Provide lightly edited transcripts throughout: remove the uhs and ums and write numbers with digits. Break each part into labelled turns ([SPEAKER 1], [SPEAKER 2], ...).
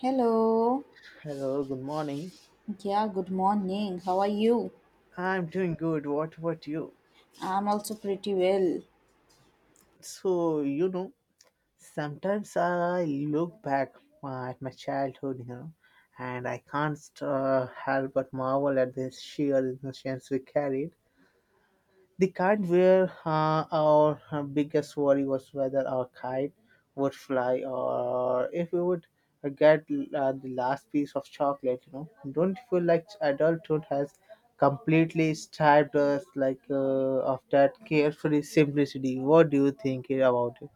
[SPEAKER 1] Hello.
[SPEAKER 2] Hello, good morning.
[SPEAKER 1] Yeah, good morning. How are you?
[SPEAKER 2] I'm doing good. What about you?
[SPEAKER 1] I'm also pretty well.
[SPEAKER 2] So, you know, Sometimes I look back at my childhood, and I can't help but marvel at the sheer innocence we carried. The kite were our biggest worry was whether our kite would fly or if we would get the last piece of chocolate. Don't you feel like adulthood has completely stripped us like of that carefree simplicity. What do you think about it?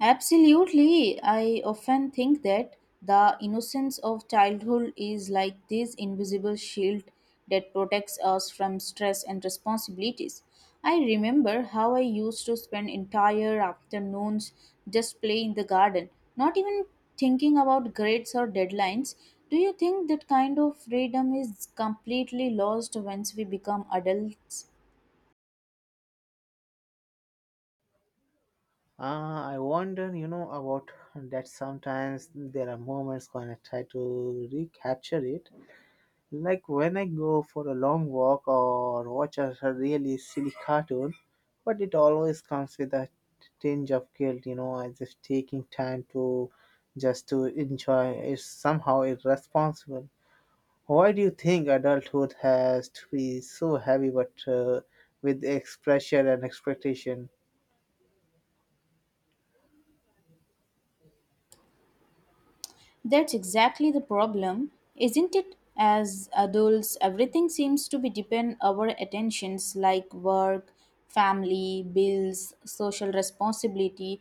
[SPEAKER 1] Absolutely. I often think that the innocence of childhood is like this invisible shield that protects us from stress and responsibilities. I remember how I used to spend entire afternoons just playing in the garden, not even thinking about grades or deadlines. Do you think that kind of freedom is completely lost once we become adults?
[SPEAKER 2] I wonder, about that sometimes there are moments when I try to recapture it like when I go for a long walk or watch a really silly cartoon, but it always comes with a tinge of guilt, as if taking time to enjoy is somehow irresponsible. Why do you think adulthood has to be so heavy but with pressure and expectation
[SPEAKER 1] That's exactly the problem, isn't it? As adults, everything seems to be depend our attentions like work, family, bills, social responsibility.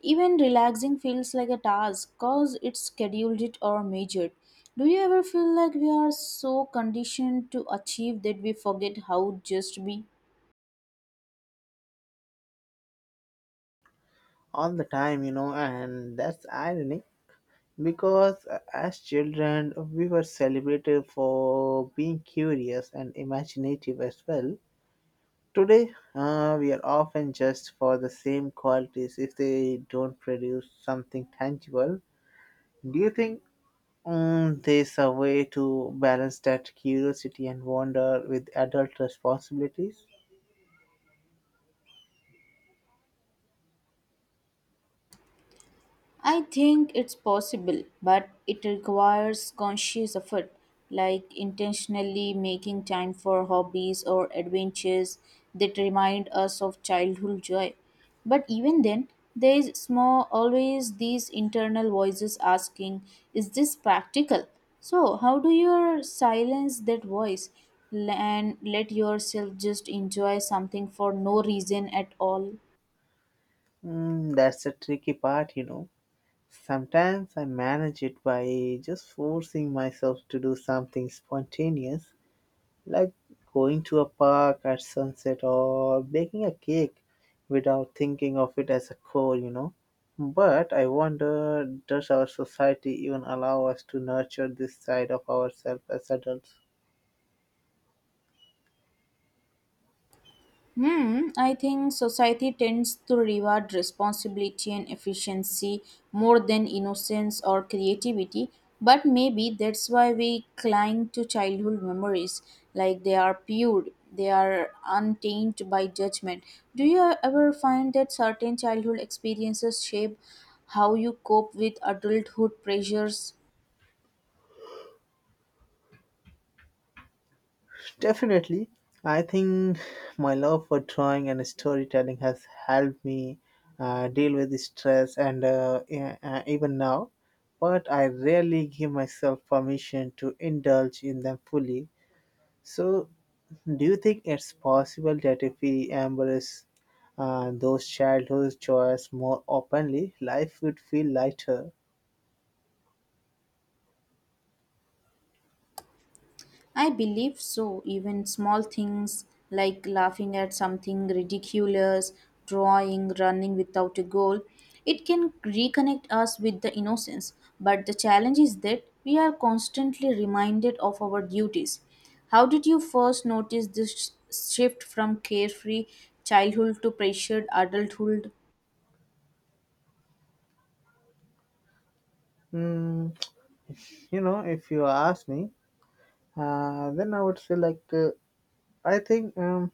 [SPEAKER 1] Even relaxing feels like a task cause it's scheduled it or measured. Do you ever feel like we are so conditioned to achieve that we forget how just to be?
[SPEAKER 2] all the time, and that's ironic because as children, we were celebrated for being curious and imaginative as well. Today, we are often judged for the same qualities if they don't produce something tangible. Do you think there's a way to balance that curiosity and wonder with adult responsibilities?
[SPEAKER 1] I think it's possible, but it requires conscious effort, like intentionally making time for hobbies or adventures that remind us of childhood joy. But even then, there is small, always these internal voices asking, is this practical? So, how do you silence that voice and let yourself just enjoy something for no reason at all?
[SPEAKER 2] Mm, that's a tricky part, you know. Sometimes I manage it by just forcing myself to do something spontaneous like going to a park at sunset or baking a cake without thinking of it as a chore, you know. But I wonder, does our society even allow us to nurture this side of ourselves as adults?
[SPEAKER 1] I think society tends to reward responsibility and efficiency more than innocence or creativity, but maybe that's why we cling to childhood memories like they are pure, they are untainted by judgment. Do you ever find that certain childhood experiences shape how you cope with adulthood pressures?
[SPEAKER 2] Definitely. I think my love for drawing and storytelling has helped me deal with the stress and even now. But I rarely give myself permission to indulge in them fully. So do you think it's possible that if we embrace those childhood joys more openly, life would feel lighter?
[SPEAKER 1] I believe so. Even small things like laughing at something ridiculous, drawing, running without a goal, it can reconnect us with the innocence. But the challenge is that we are constantly reminded of our duties. How did you first notice this shift from carefree childhood to pressured adulthood?
[SPEAKER 2] Mm, if you ask me, then I would say like I think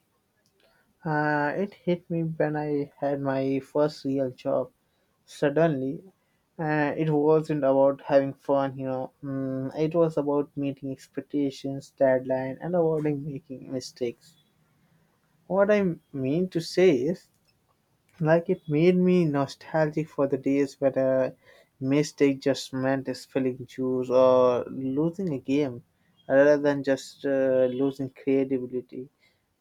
[SPEAKER 2] it hit me when I had my first real job. Suddenly, it wasn't about having fun, you know. Mm, it was about meeting expectations, deadline, and avoiding making mistakes. What I mean to say is like it made me nostalgic for the days when a mistake just meant spilling juice or losing a game rather than just losing creativity.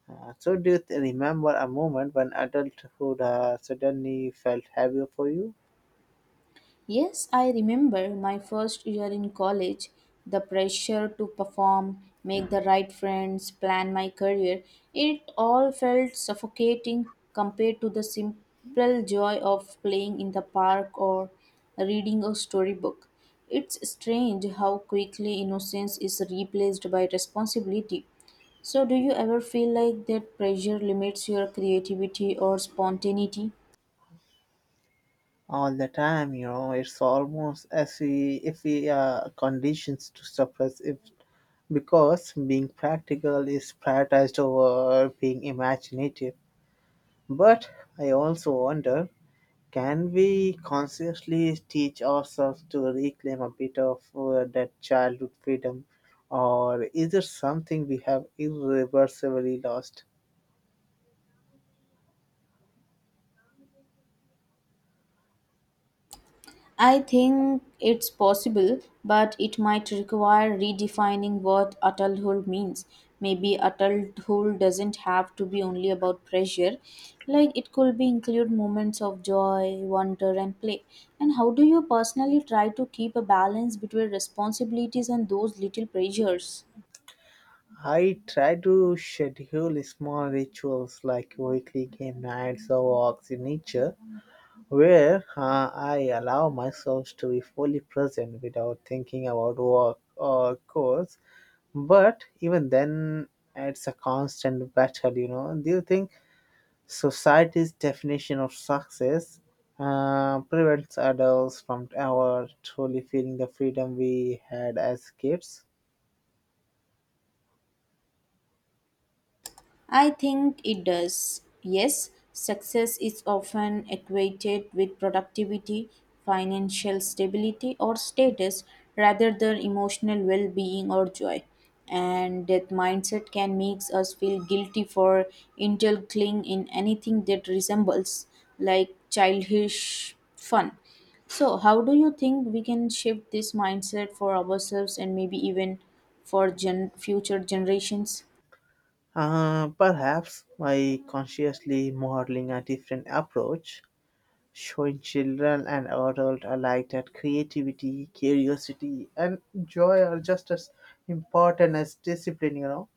[SPEAKER 2] So, do you remember a moment when adulthood suddenly felt heavier for you?
[SPEAKER 1] Yes, I remember my first year in college, the pressure to perform, make the right friends, plan my career, it all felt suffocating compared to the simple joy of playing in the park or reading a storybook. It's strange how quickly innocence is replaced by responsibility. So, do you ever feel like that pressure limits your creativity or spontaneity?
[SPEAKER 2] All the time, it's almost as if we are conditioned to suppress it because being practical is prioritized over being imaginative. But I also wonder can we consciously teach ourselves to reclaim a bit of that childhood freedom, or is it something we have irreversibly lost?
[SPEAKER 1] I think it's possible, but it might require redefining what adulthood means. Maybe adulthood doesn't have to be only about pressure. Like it could be include moments of joy, wonder and play. And how do you personally try to keep a balance between responsibilities and those little pressures?
[SPEAKER 2] I try to schedule small rituals like weekly game nights or walks in nature, where I allow myself to be fully present without thinking about work or course. But even then, it's a constant battle, you know. Do you think society's definition of success prevents adults from ever truly feeling the freedom we had as kids.
[SPEAKER 1] I think it does. Yes, success is often equated with productivity, financial stability, or status rather than emotional well being or joy. And that mindset can make us feel guilty for indulging in anything that resembles like childish fun. So, how do you think we can shift this mindset for ourselves and maybe even for future generations?
[SPEAKER 2] Perhaps by consciously modeling a different approach, showing children and adults alike that creativity, curiosity, and joy are just as important as discipline, you know.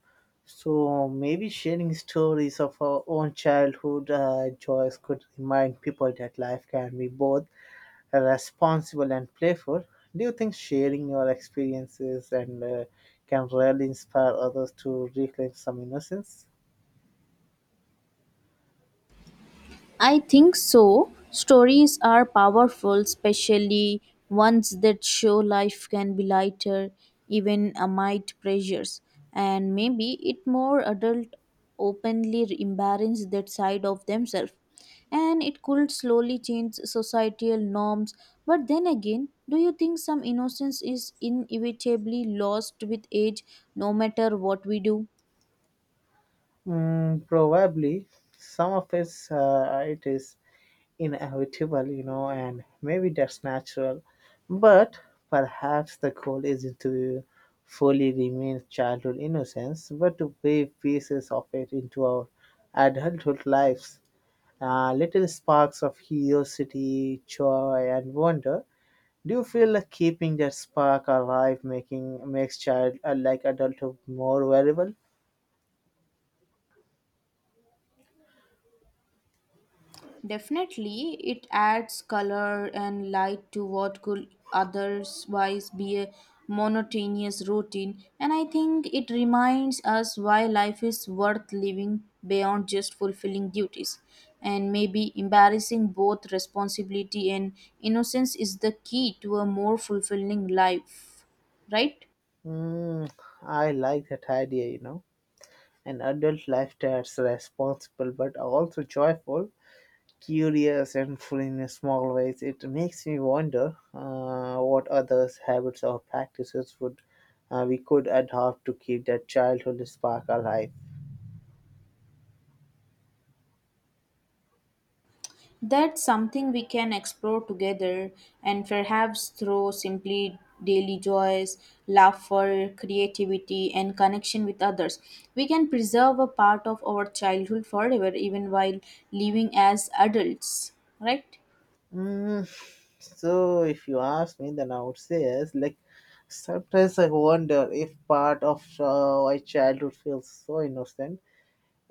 [SPEAKER 2] So maybe sharing stories of our own childhood joys could remind people that life can be both responsible and playful. Do you think sharing your experiences and can really inspire others to reclaim some innocence?
[SPEAKER 1] I think so. Stories are powerful, especially ones that show life can be lighter, even amid pressures. And maybe it more adult openly embrace that side of themselves. And it could slowly change societal norms. But then again, do you think some innocence is inevitably lost with age no matter what we do?
[SPEAKER 2] Mm, probably. Some of it is inevitable, you know, and maybe that's natural. But perhaps the goal isn't to fully remain childhood innocence, but to weave pieces of it into our adulthood lives, little sparks of curiosity, joy, and wonder. Do you feel like keeping that spark alive, making makes child like adulthood more valuable?
[SPEAKER 1] Definitely, it adds color and light to what could otherwise be a monotonous routine, and I think it reminds us why life is worth living beyond just fulfilling duties. And maybe embarrassing both responsibility and innocence is the key to a more fulfilling life, right?
[SPEAKER 2] Mm, I like that idea. You know, an adult life that's responsible but also joyful, curious, and full in small ways. It makes me wonder what other habits or practices would we could adopt to keep that childhood spark alive.
[SPEAKER 1] That's something we can explore together and perhaps through simply daily joys, laughter, creativity, and connection with others. We can preserve a part of our childhood forever, even while living as adults, right?
[SPEAKER 2] Mm, so if you ask me, then I would say yes. Like sometimes I wonder if part of why childhood feels so innocent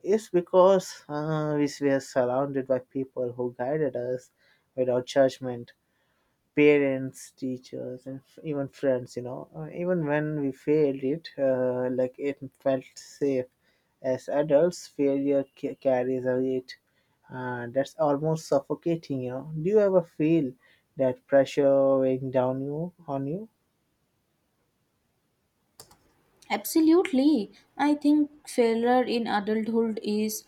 [SPEAKER 2] is because we were surrounded by people who guided us without judgment, parents, teachers, and even friends, you know. Even when we failed it, it felt safe. As adults, failure carries a weight that's almost suffocating, you know. Do you ever feel that pressure weighing down you on you?
[SPEAKER 1] Absolutely. I think failure in adulthood is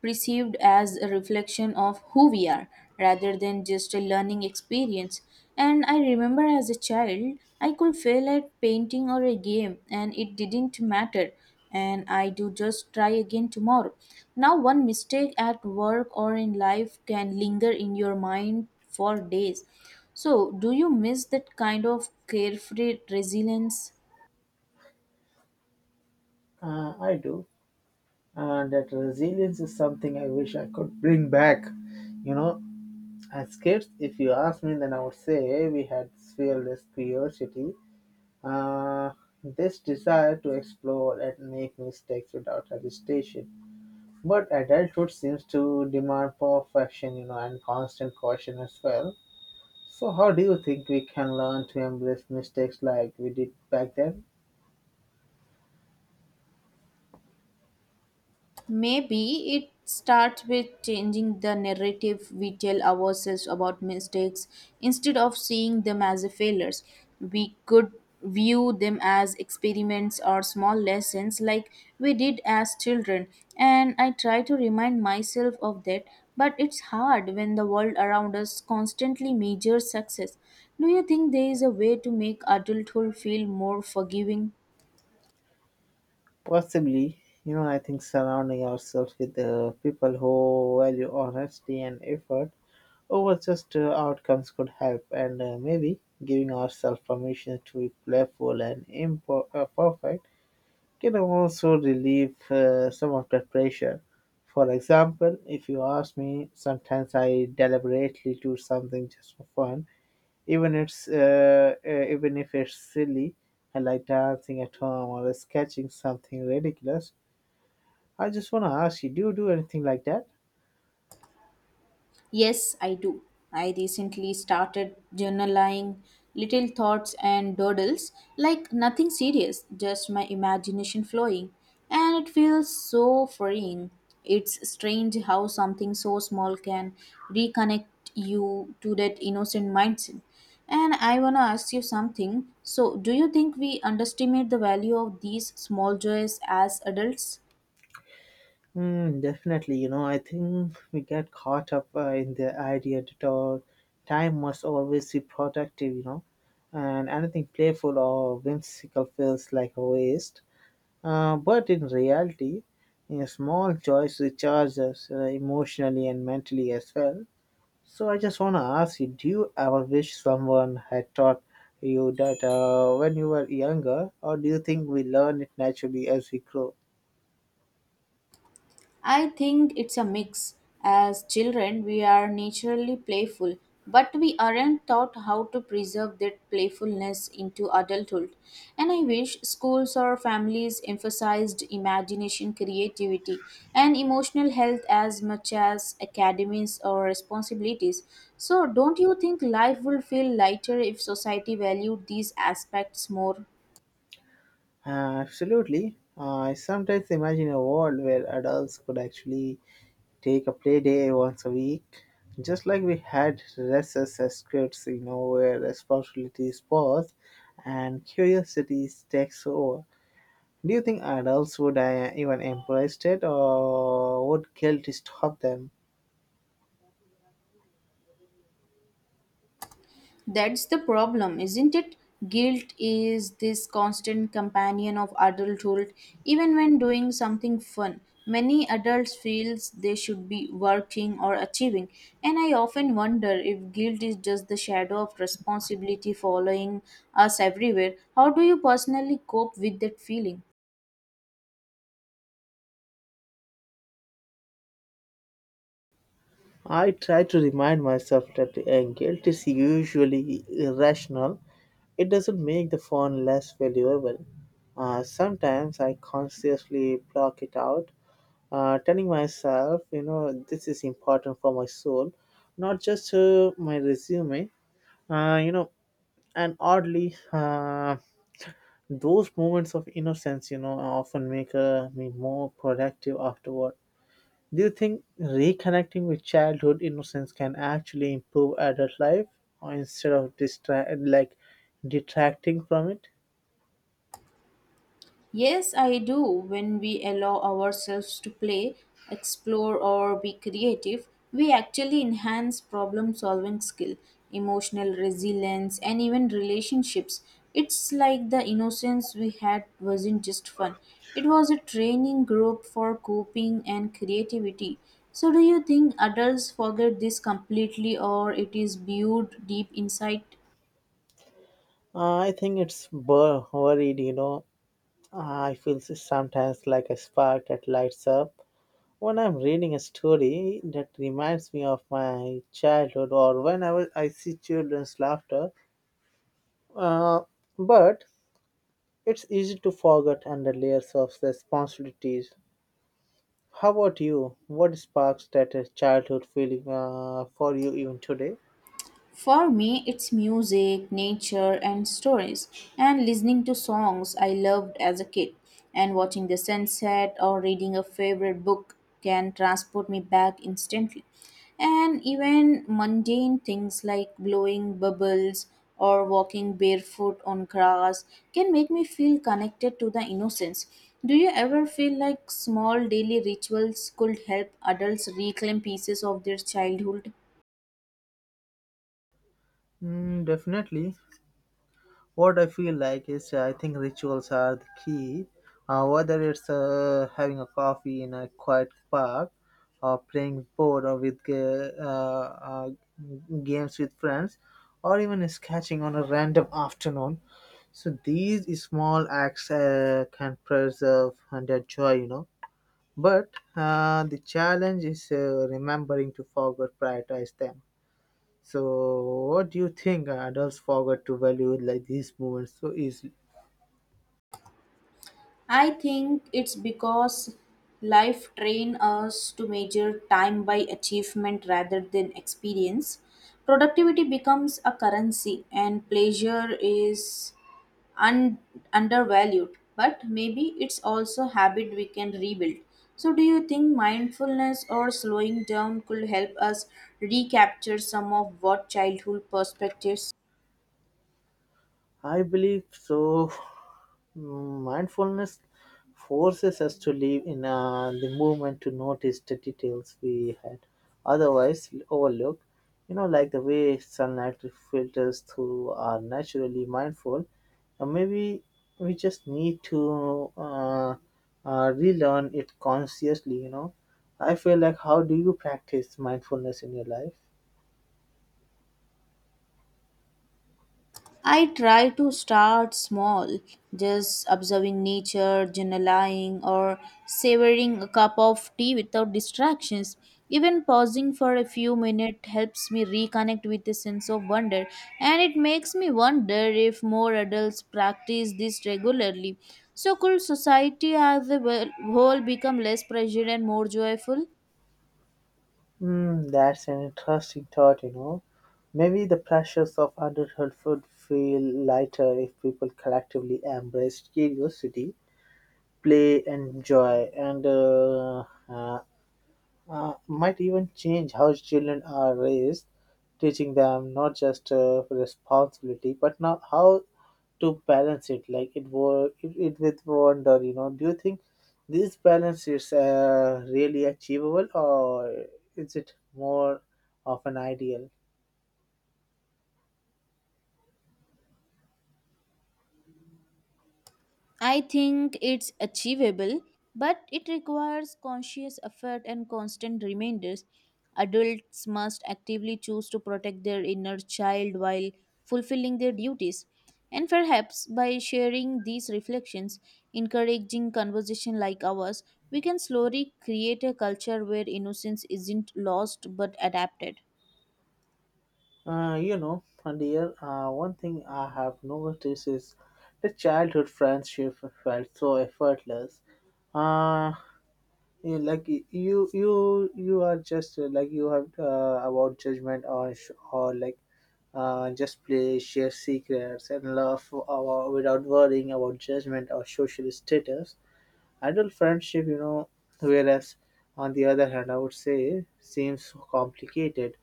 [SPEAKER 1] perceived as a reflection of who we are rather than just a learning experience. And I remember as a child, I could fail at painting or a game and it didn't matter. And I do just try again tomorrow. Now, one mistake at work or in life can linger in your mind for days. So, do you miss that kind of carefree resilience?
[SPEAKER 2] I do. And that resilience is something I wish I could bring back, you know. As kids, if you ask me, then I would say we had fearless curiosity, Uh, this desire to explore and make mistakes without hesitation. But adulthood seems to demand perfection, you know, and constant caution as well. So, how do you think we can learn to embrace mistakes like we did back then?
[SPEAKER 1] Maybe it starts with changing the narrative we tell ourselves about mistakes. Instead of seeing them as a failures, we could view them as experiments or small lessons like we did as children. And I try to remind myself of that, but it's hard when the world around us constantly measures success. Do you think there is a way to make adulthood feel more forgiving?
[SPEAKER 2] Possibly, you know, I think surrounding ourselves with people who value honesty and effort over just outcomes could help, and maybe giving ourselves permission to be playful and imperfect can also relieve some of that pressure. For example, if you ask me, sometimes I deliberately do something just for fun, even if it's silly. I like dancing at home or sketching something ridiculous. I just want to ask you do anything like that?
[SPEAKER 1] Yes, I do. I recently started journaling little thoughts and doodles, like nothing serious, just my imagination flowing. And it feels so freeing. It's strange how something so small can reconnect you to that innocent mindset. And I want to ask you something. So, do you think we underestimate the value of these small joys as adults?
[SPEAKER 2] Hmm. Definitely, you know, I think we get caught up in the idea that our time must always be productive, you know, and anything playful or whimsical feels like a waste. But in reality, you know, small joys recharge us emotionally and mentally as well. So I just want to ask you, do you ever wish someone had taught you that when you were younger, or do you think we learn it naturally as we grow?
[SPEAKER 1] I think it's a mix. As children, we are naturally playful, but we aren't taught how to preserve that playfulness into adulthood. And I wish schools or families emphasized imagination, creativity, and emotional health as much as academies or responsibilities. So, don't you think life would feel lighter if society valued these aspects more?
[SPEAKER 2] Absolutely. I sometimes imagine a world where adults could actually take a play day once a week, just like we had recess as kids, you know, where responsibilities pause and curiosity takes over. Do you think adults would even embrace it, or would guilt stop them?
[SPEAKER 1] That's the problem, isn't it? Guilt is this constant companion of adulthood, even when doing something fun. Many adults feel they should be working or achieving, and I often wonder if guilt is just the shadow of responsibility following us everywhere. How do you personally cope with that feeling?
[SPEAKER 2] I try to remind myself that guilt is usually irrational. It doesn't make the phone less valuable. Sometimes I consciously block it out, telling myself, you know, this is important for my soul, not just my resume. Uh, you know, and oddly, those moments of innocence, you know, often make me more productive afterward. Do you think reconnecting with childhood innocence can actually improve adult life, or instead of distract like detracting from it?
[SPEAKER 1] Yes, I do. When we allow ourselves to play, explore, or be creative, we actually enhance problem solving skill, emotional resilience, and even relationships. It's like the innocence we had wasn't just fun, it was a training group for coping and creativity. So, do you think adults forget this completely, or it is viewed deep inside?
[SPEAKER 2] I think it's worried. You know, I feel sometimes like a spark that lights up when I'm reading a story that reminds me of my childhood, or when I see children's laughter. Uh, but it's easy to forget under layers of responsibilities. How about you? What sparks that childhood feeling for you even today?
[SPEAKER 1] For me, it's music, nature, and stories, and listening to songs I loved as a kid, and watching the sunset or reading a favorite book can transport me back instantly. And even mundane things like blowing bubbles or walking barefoot on grass can make me feel connected to the innocence. Do you ever feel like small daily rituals could help adults reclaim pieces of their childhood?
[SPEAKER 2] Mm, definitely. What I feel like is I think rituals are the key. Whether it's having a coffee in a quiet park, or playing board or with ga- games with friends, or even sketching on a random afternoon. So these small acts can preserve and their joy, you know. But the challenge is remembering to forget, prioritize them. So, what do you think adults forget to value like these moments so easily?
[SPEAKER 1] I think it's because life train us to measure time by achievement rather than experience. Productivity becomes a currency and pleasure is un- undervalued, but maybe it's also habit we can rebuild. So do you think mindfulness or slowing down could help us recapture some of what childhood perspectives?
[SPEAKER 2] I believe so. Mm, mindfulness forces us to live in the moment to notice the details we had otherwise overlooked. You know, like the way sunlight filters through are naturally mindful. Or maybe we just need to relearn it consciously. You know, I feel like how do you practice mindfulness in your life?
[SPEAKER 1] I try to start small, just observing nature, journaling, or savoring a cup of tea without distractions. Even pausing for a few minutes helps me reconnect with a sense of wonder, and it makes me wonder if more adults practice this regularly. So, could society as a whole become less pressured and more joyful?
[SPEAKER 2] Hmm, that's an interesting thought, you know. Maybe the pressures of adulthood would feel lighter if people collectively embrace curiosity, play, and joy, and uh, might even change how children are raised, teaching them not just responsibility but now how to balance it, like it with wonder. You know, do you think this balance is really achievable, or is it more of an ideal?
[SPEAKER 1] I think it's achievable, but it requires conscious effort and constant reminders. Adults must actively choose to protect their inner child while fulfilling their duties. And perhaps by sharing these reflections, encouraging conversation like ours, we can slowly create a culture where innocence isn't lost but adapted.
[SPEAKER 2] You know, my dear, one thing I have noticed is the childhood friendship felt so effortless. Uh, you are just you have about judgment or just play share secrets and love without worrying about judgment or social status adult friendship, you know, whereas on the other hand, I would say seems so complicated,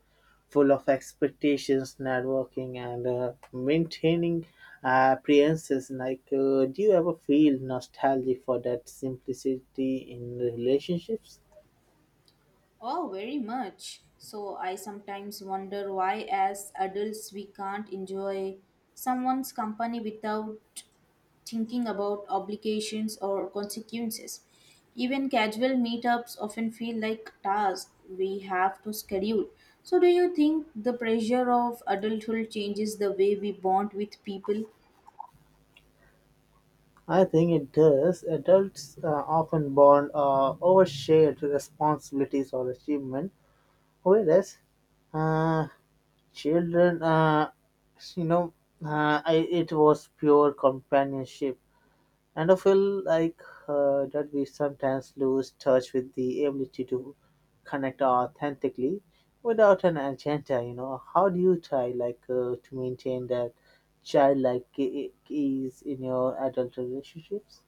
[SPEAKER 2] full of expectations, networking, and maintaining appearances. Do you ever feel nostalgic for that simplicity in relationships?
[SPEAKER 1] Oh, very much. So I sometimes wonder why, as adults, we can't enjoy someone's company without thinking about obligations or consequences. Even casual meetups often feel like tasks we have to schedule. So, do you think the pressure of adulthood changes the way we bond with people?
[SPEAKER 2] I think it does. Adults often bond over shared responsibilities or achievement. Whereas uh, children, you know, it was pure companionship. And I feel like that we sometimes lose touch with the ability to connect authentically without an agenda. You know, how do you try to maintain that childlike ease in your adult relationships?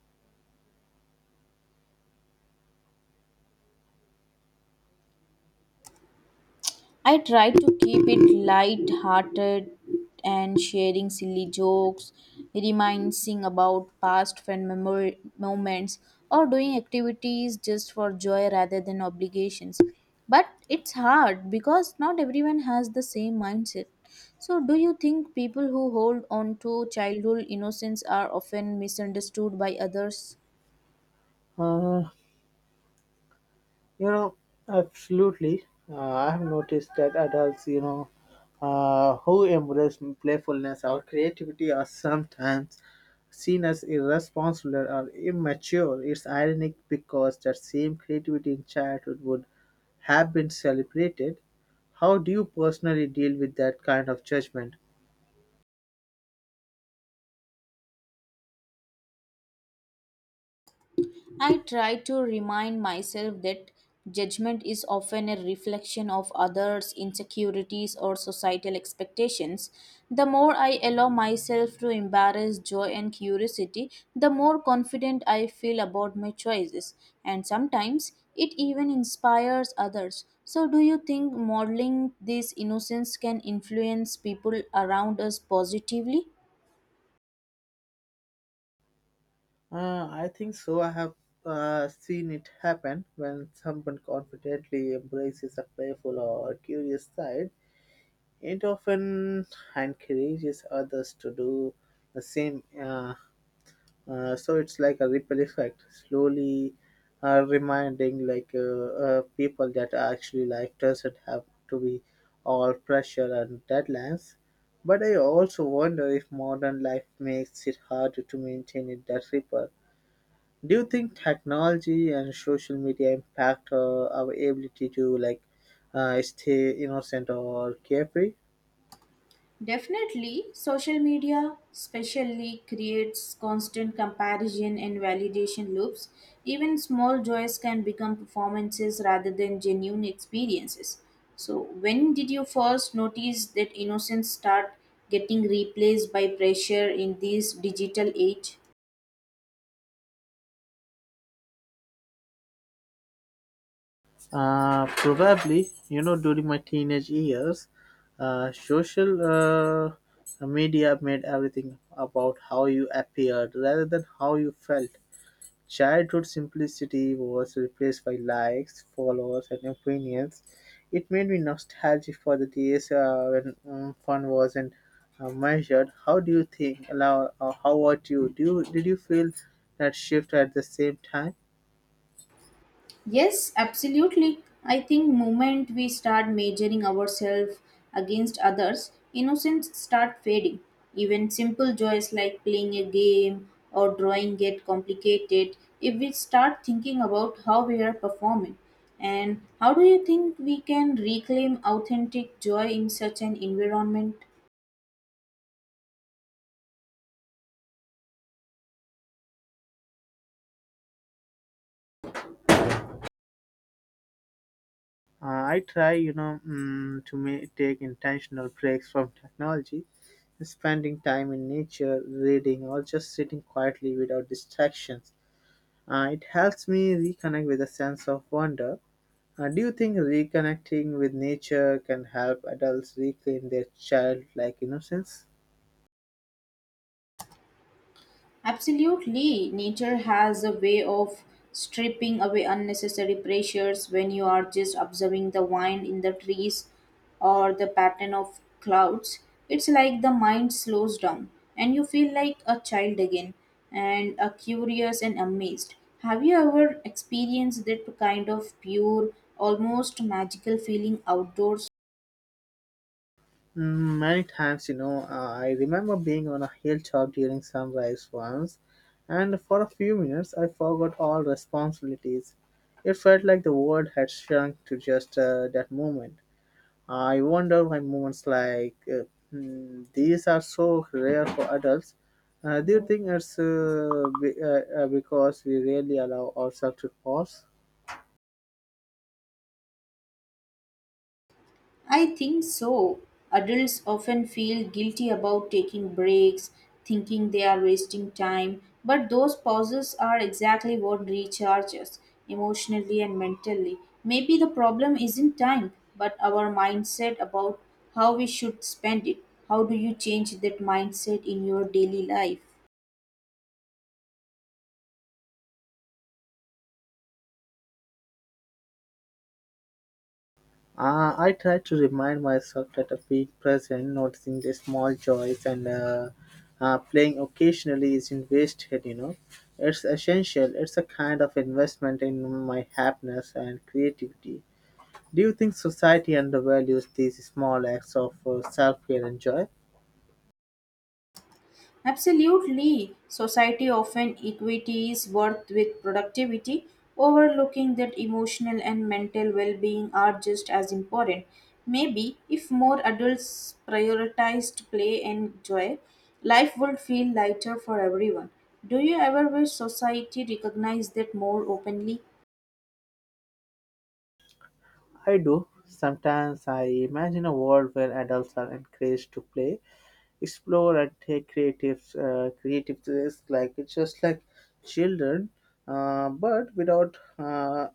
[SPEAKER 1] I try to keep it light hearted and sharing silly jokes, reminding about past fun moments, or doing activities just for joy rather than obligations. But it's hard because not everyone has the same mindset. So, do you think people who hold on to childhood innocence are often misunderstood by others?
[SPEAKER 2] Uh, You know, Absolutely. I have noticed that adults, you know, who embrace playfulness or creativity are sometimes seen as irresponsible or immature. It's ironic because that same creativity in childhood would have been celebrated. How do you personally deal with that kind of judgment?
[SPEAKER 1] I try to remind myself that judgment is often a reflection of others' insecurities or societal expectations. The more I allow myself to embrace joy and curiosity, the more confident I feel about my choices, and sometimes it even inspires others. So, do you think modeling this innocence can influence people around us positively?
[SPEAKER 2] I think so. I have seen it happen when someone confidently embraces a playful or curious side. It often encourages others to do the same. So it's like a ripple effect, slowly reminding people that actually life doesn't have to be all pressure and deadlines. But I also wonder if modern life makes it harder to maintain it that ripple. Do you think technology and social media impact our ability to stay innocent or carefree?
[SPEAKER 1] Definitely, social media especially creates constant comparison and validation loops. Even small joys can become performances rather than genuine experiences. So, when did you first notice that innocence start getting replaced by pressure in this digital age?
[SPEAKER 2] Probably, you know, during my teenage years, social media made everything about how you appeared rather than how you felt. Childhood simplicity was replaced by likes, followers, and opinions. It made me nostalgic for the days when fun wasn't measured. How do you think? How about you? Did you feel that shift at the same time?
[SPEAKER 1] Yes, absolutely. I think moment we start measuring ourselves against others, innocence start fading. Even simple joys like playing a game or drawing get complicated if we start thinking about how we are performing. And how do you think we can reclaim authentic joy in such an environment?
[SPEAKER 2] Uh, I try, you know, to take intentional breaks from technology, spending time in nature, reading, or just sitting quietly without distractions. It helps me reconnect with a sense of wonder. Do you think reconnecting with nature can help adults reclaim their childlike innocence?
[SPEAKER 1] Absolutely. Nature has a way of stripping away unnecessary pressures when you are just observing the wind in the trees or the pattern of clouds. It's like the mind slows down and you feel like a child again and a curious and amazed. Have you ever experienced that kind of pure, almost magical feeling outdoors?
[SPEAKER 2] Mm, many times, you know, I remember being on a hilltop during sunrise once, and for a few minutes I forgot all responsibilities. It felt like the world had shrunk to just that moment. I wonder why moments these are so rare for adults. Do you think it's because we rarely allow ourselves to pause?
[SPEAKER 1] I think so. Adults often feel guilty about taking breaks, thinking they are wasting time, but those pauses are exactly what recharges emotionally and mentally. Maybe the problem isn't time, but our mindset about how we should spend it. How do you change that mindset in your daily life?
[SPEAKER 2] I try to remind myself that a being present, noticing the small joys, and playing occasionally isn't wasted, you know. It's essential. It's a kind of investment in my happiness and creativity. Do you think society undervalues these small acts of self care and joy?
[SPEAKER 1] Absolutely. Society often equities worth with productivity, overlooking that emotional and mental well being are just as important. Maybe if more adults prioritized play and joy, life would feel lighter for everyone. Do you ever wish society recognized that more openly?
[SPEAKER 2] I do. Sometimes I imagine a world where adults are encouraged to play, explore, and take creative creative risk like it's just like children, but without uh,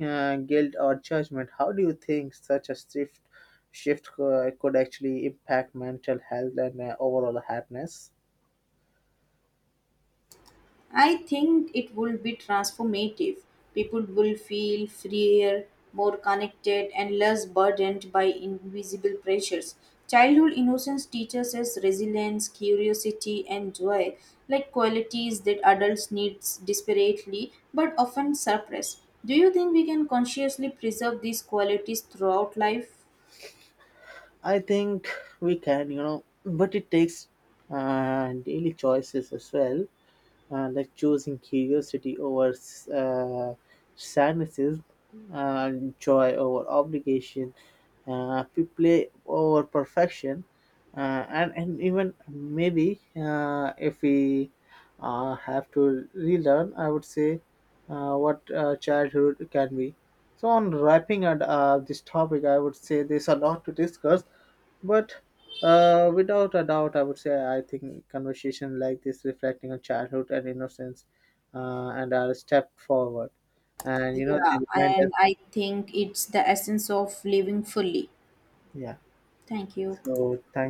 [SPEAKER 2] uh, guilt or judgment. How do you think such a shift shift could actually impact mental health and overall happiness?
[SPEAKER 1] I think it will be transformative. People will feel freer, more connected, and less burdened by invisible pressures. Childhood innocence teaches us resilience, curiosity, and joy, like qualities that adults need desperately but often suppress. Do you think we can consciously preserve these qualities throughout life?
[SPEAKER 2] I think we can, you know, but it takes daily choices as well, like choosing curiosity over uh, cynicism, uh, joy over obligation, uh, play over perfection, and even maybe if we have to relearn, I would say what childhood can be. So, on wrapping up this topic, I would say there's a lot to discuss. But without a doubt, I would say I think conversation like this, reflecting on childhood and innocence, and are a step forward. And you know,
[SPEAKER 1] Yeah,
[SPEAKER 2] they remind
[SPEAKER 1] and
[SPEAKER 2] us.
[SPEAKER 1] I think it's the essence of living fully.
[SPEAKER 2] Yeah.
[SPEAKER 1] Thank you.
[SPEAKER 2] So thank.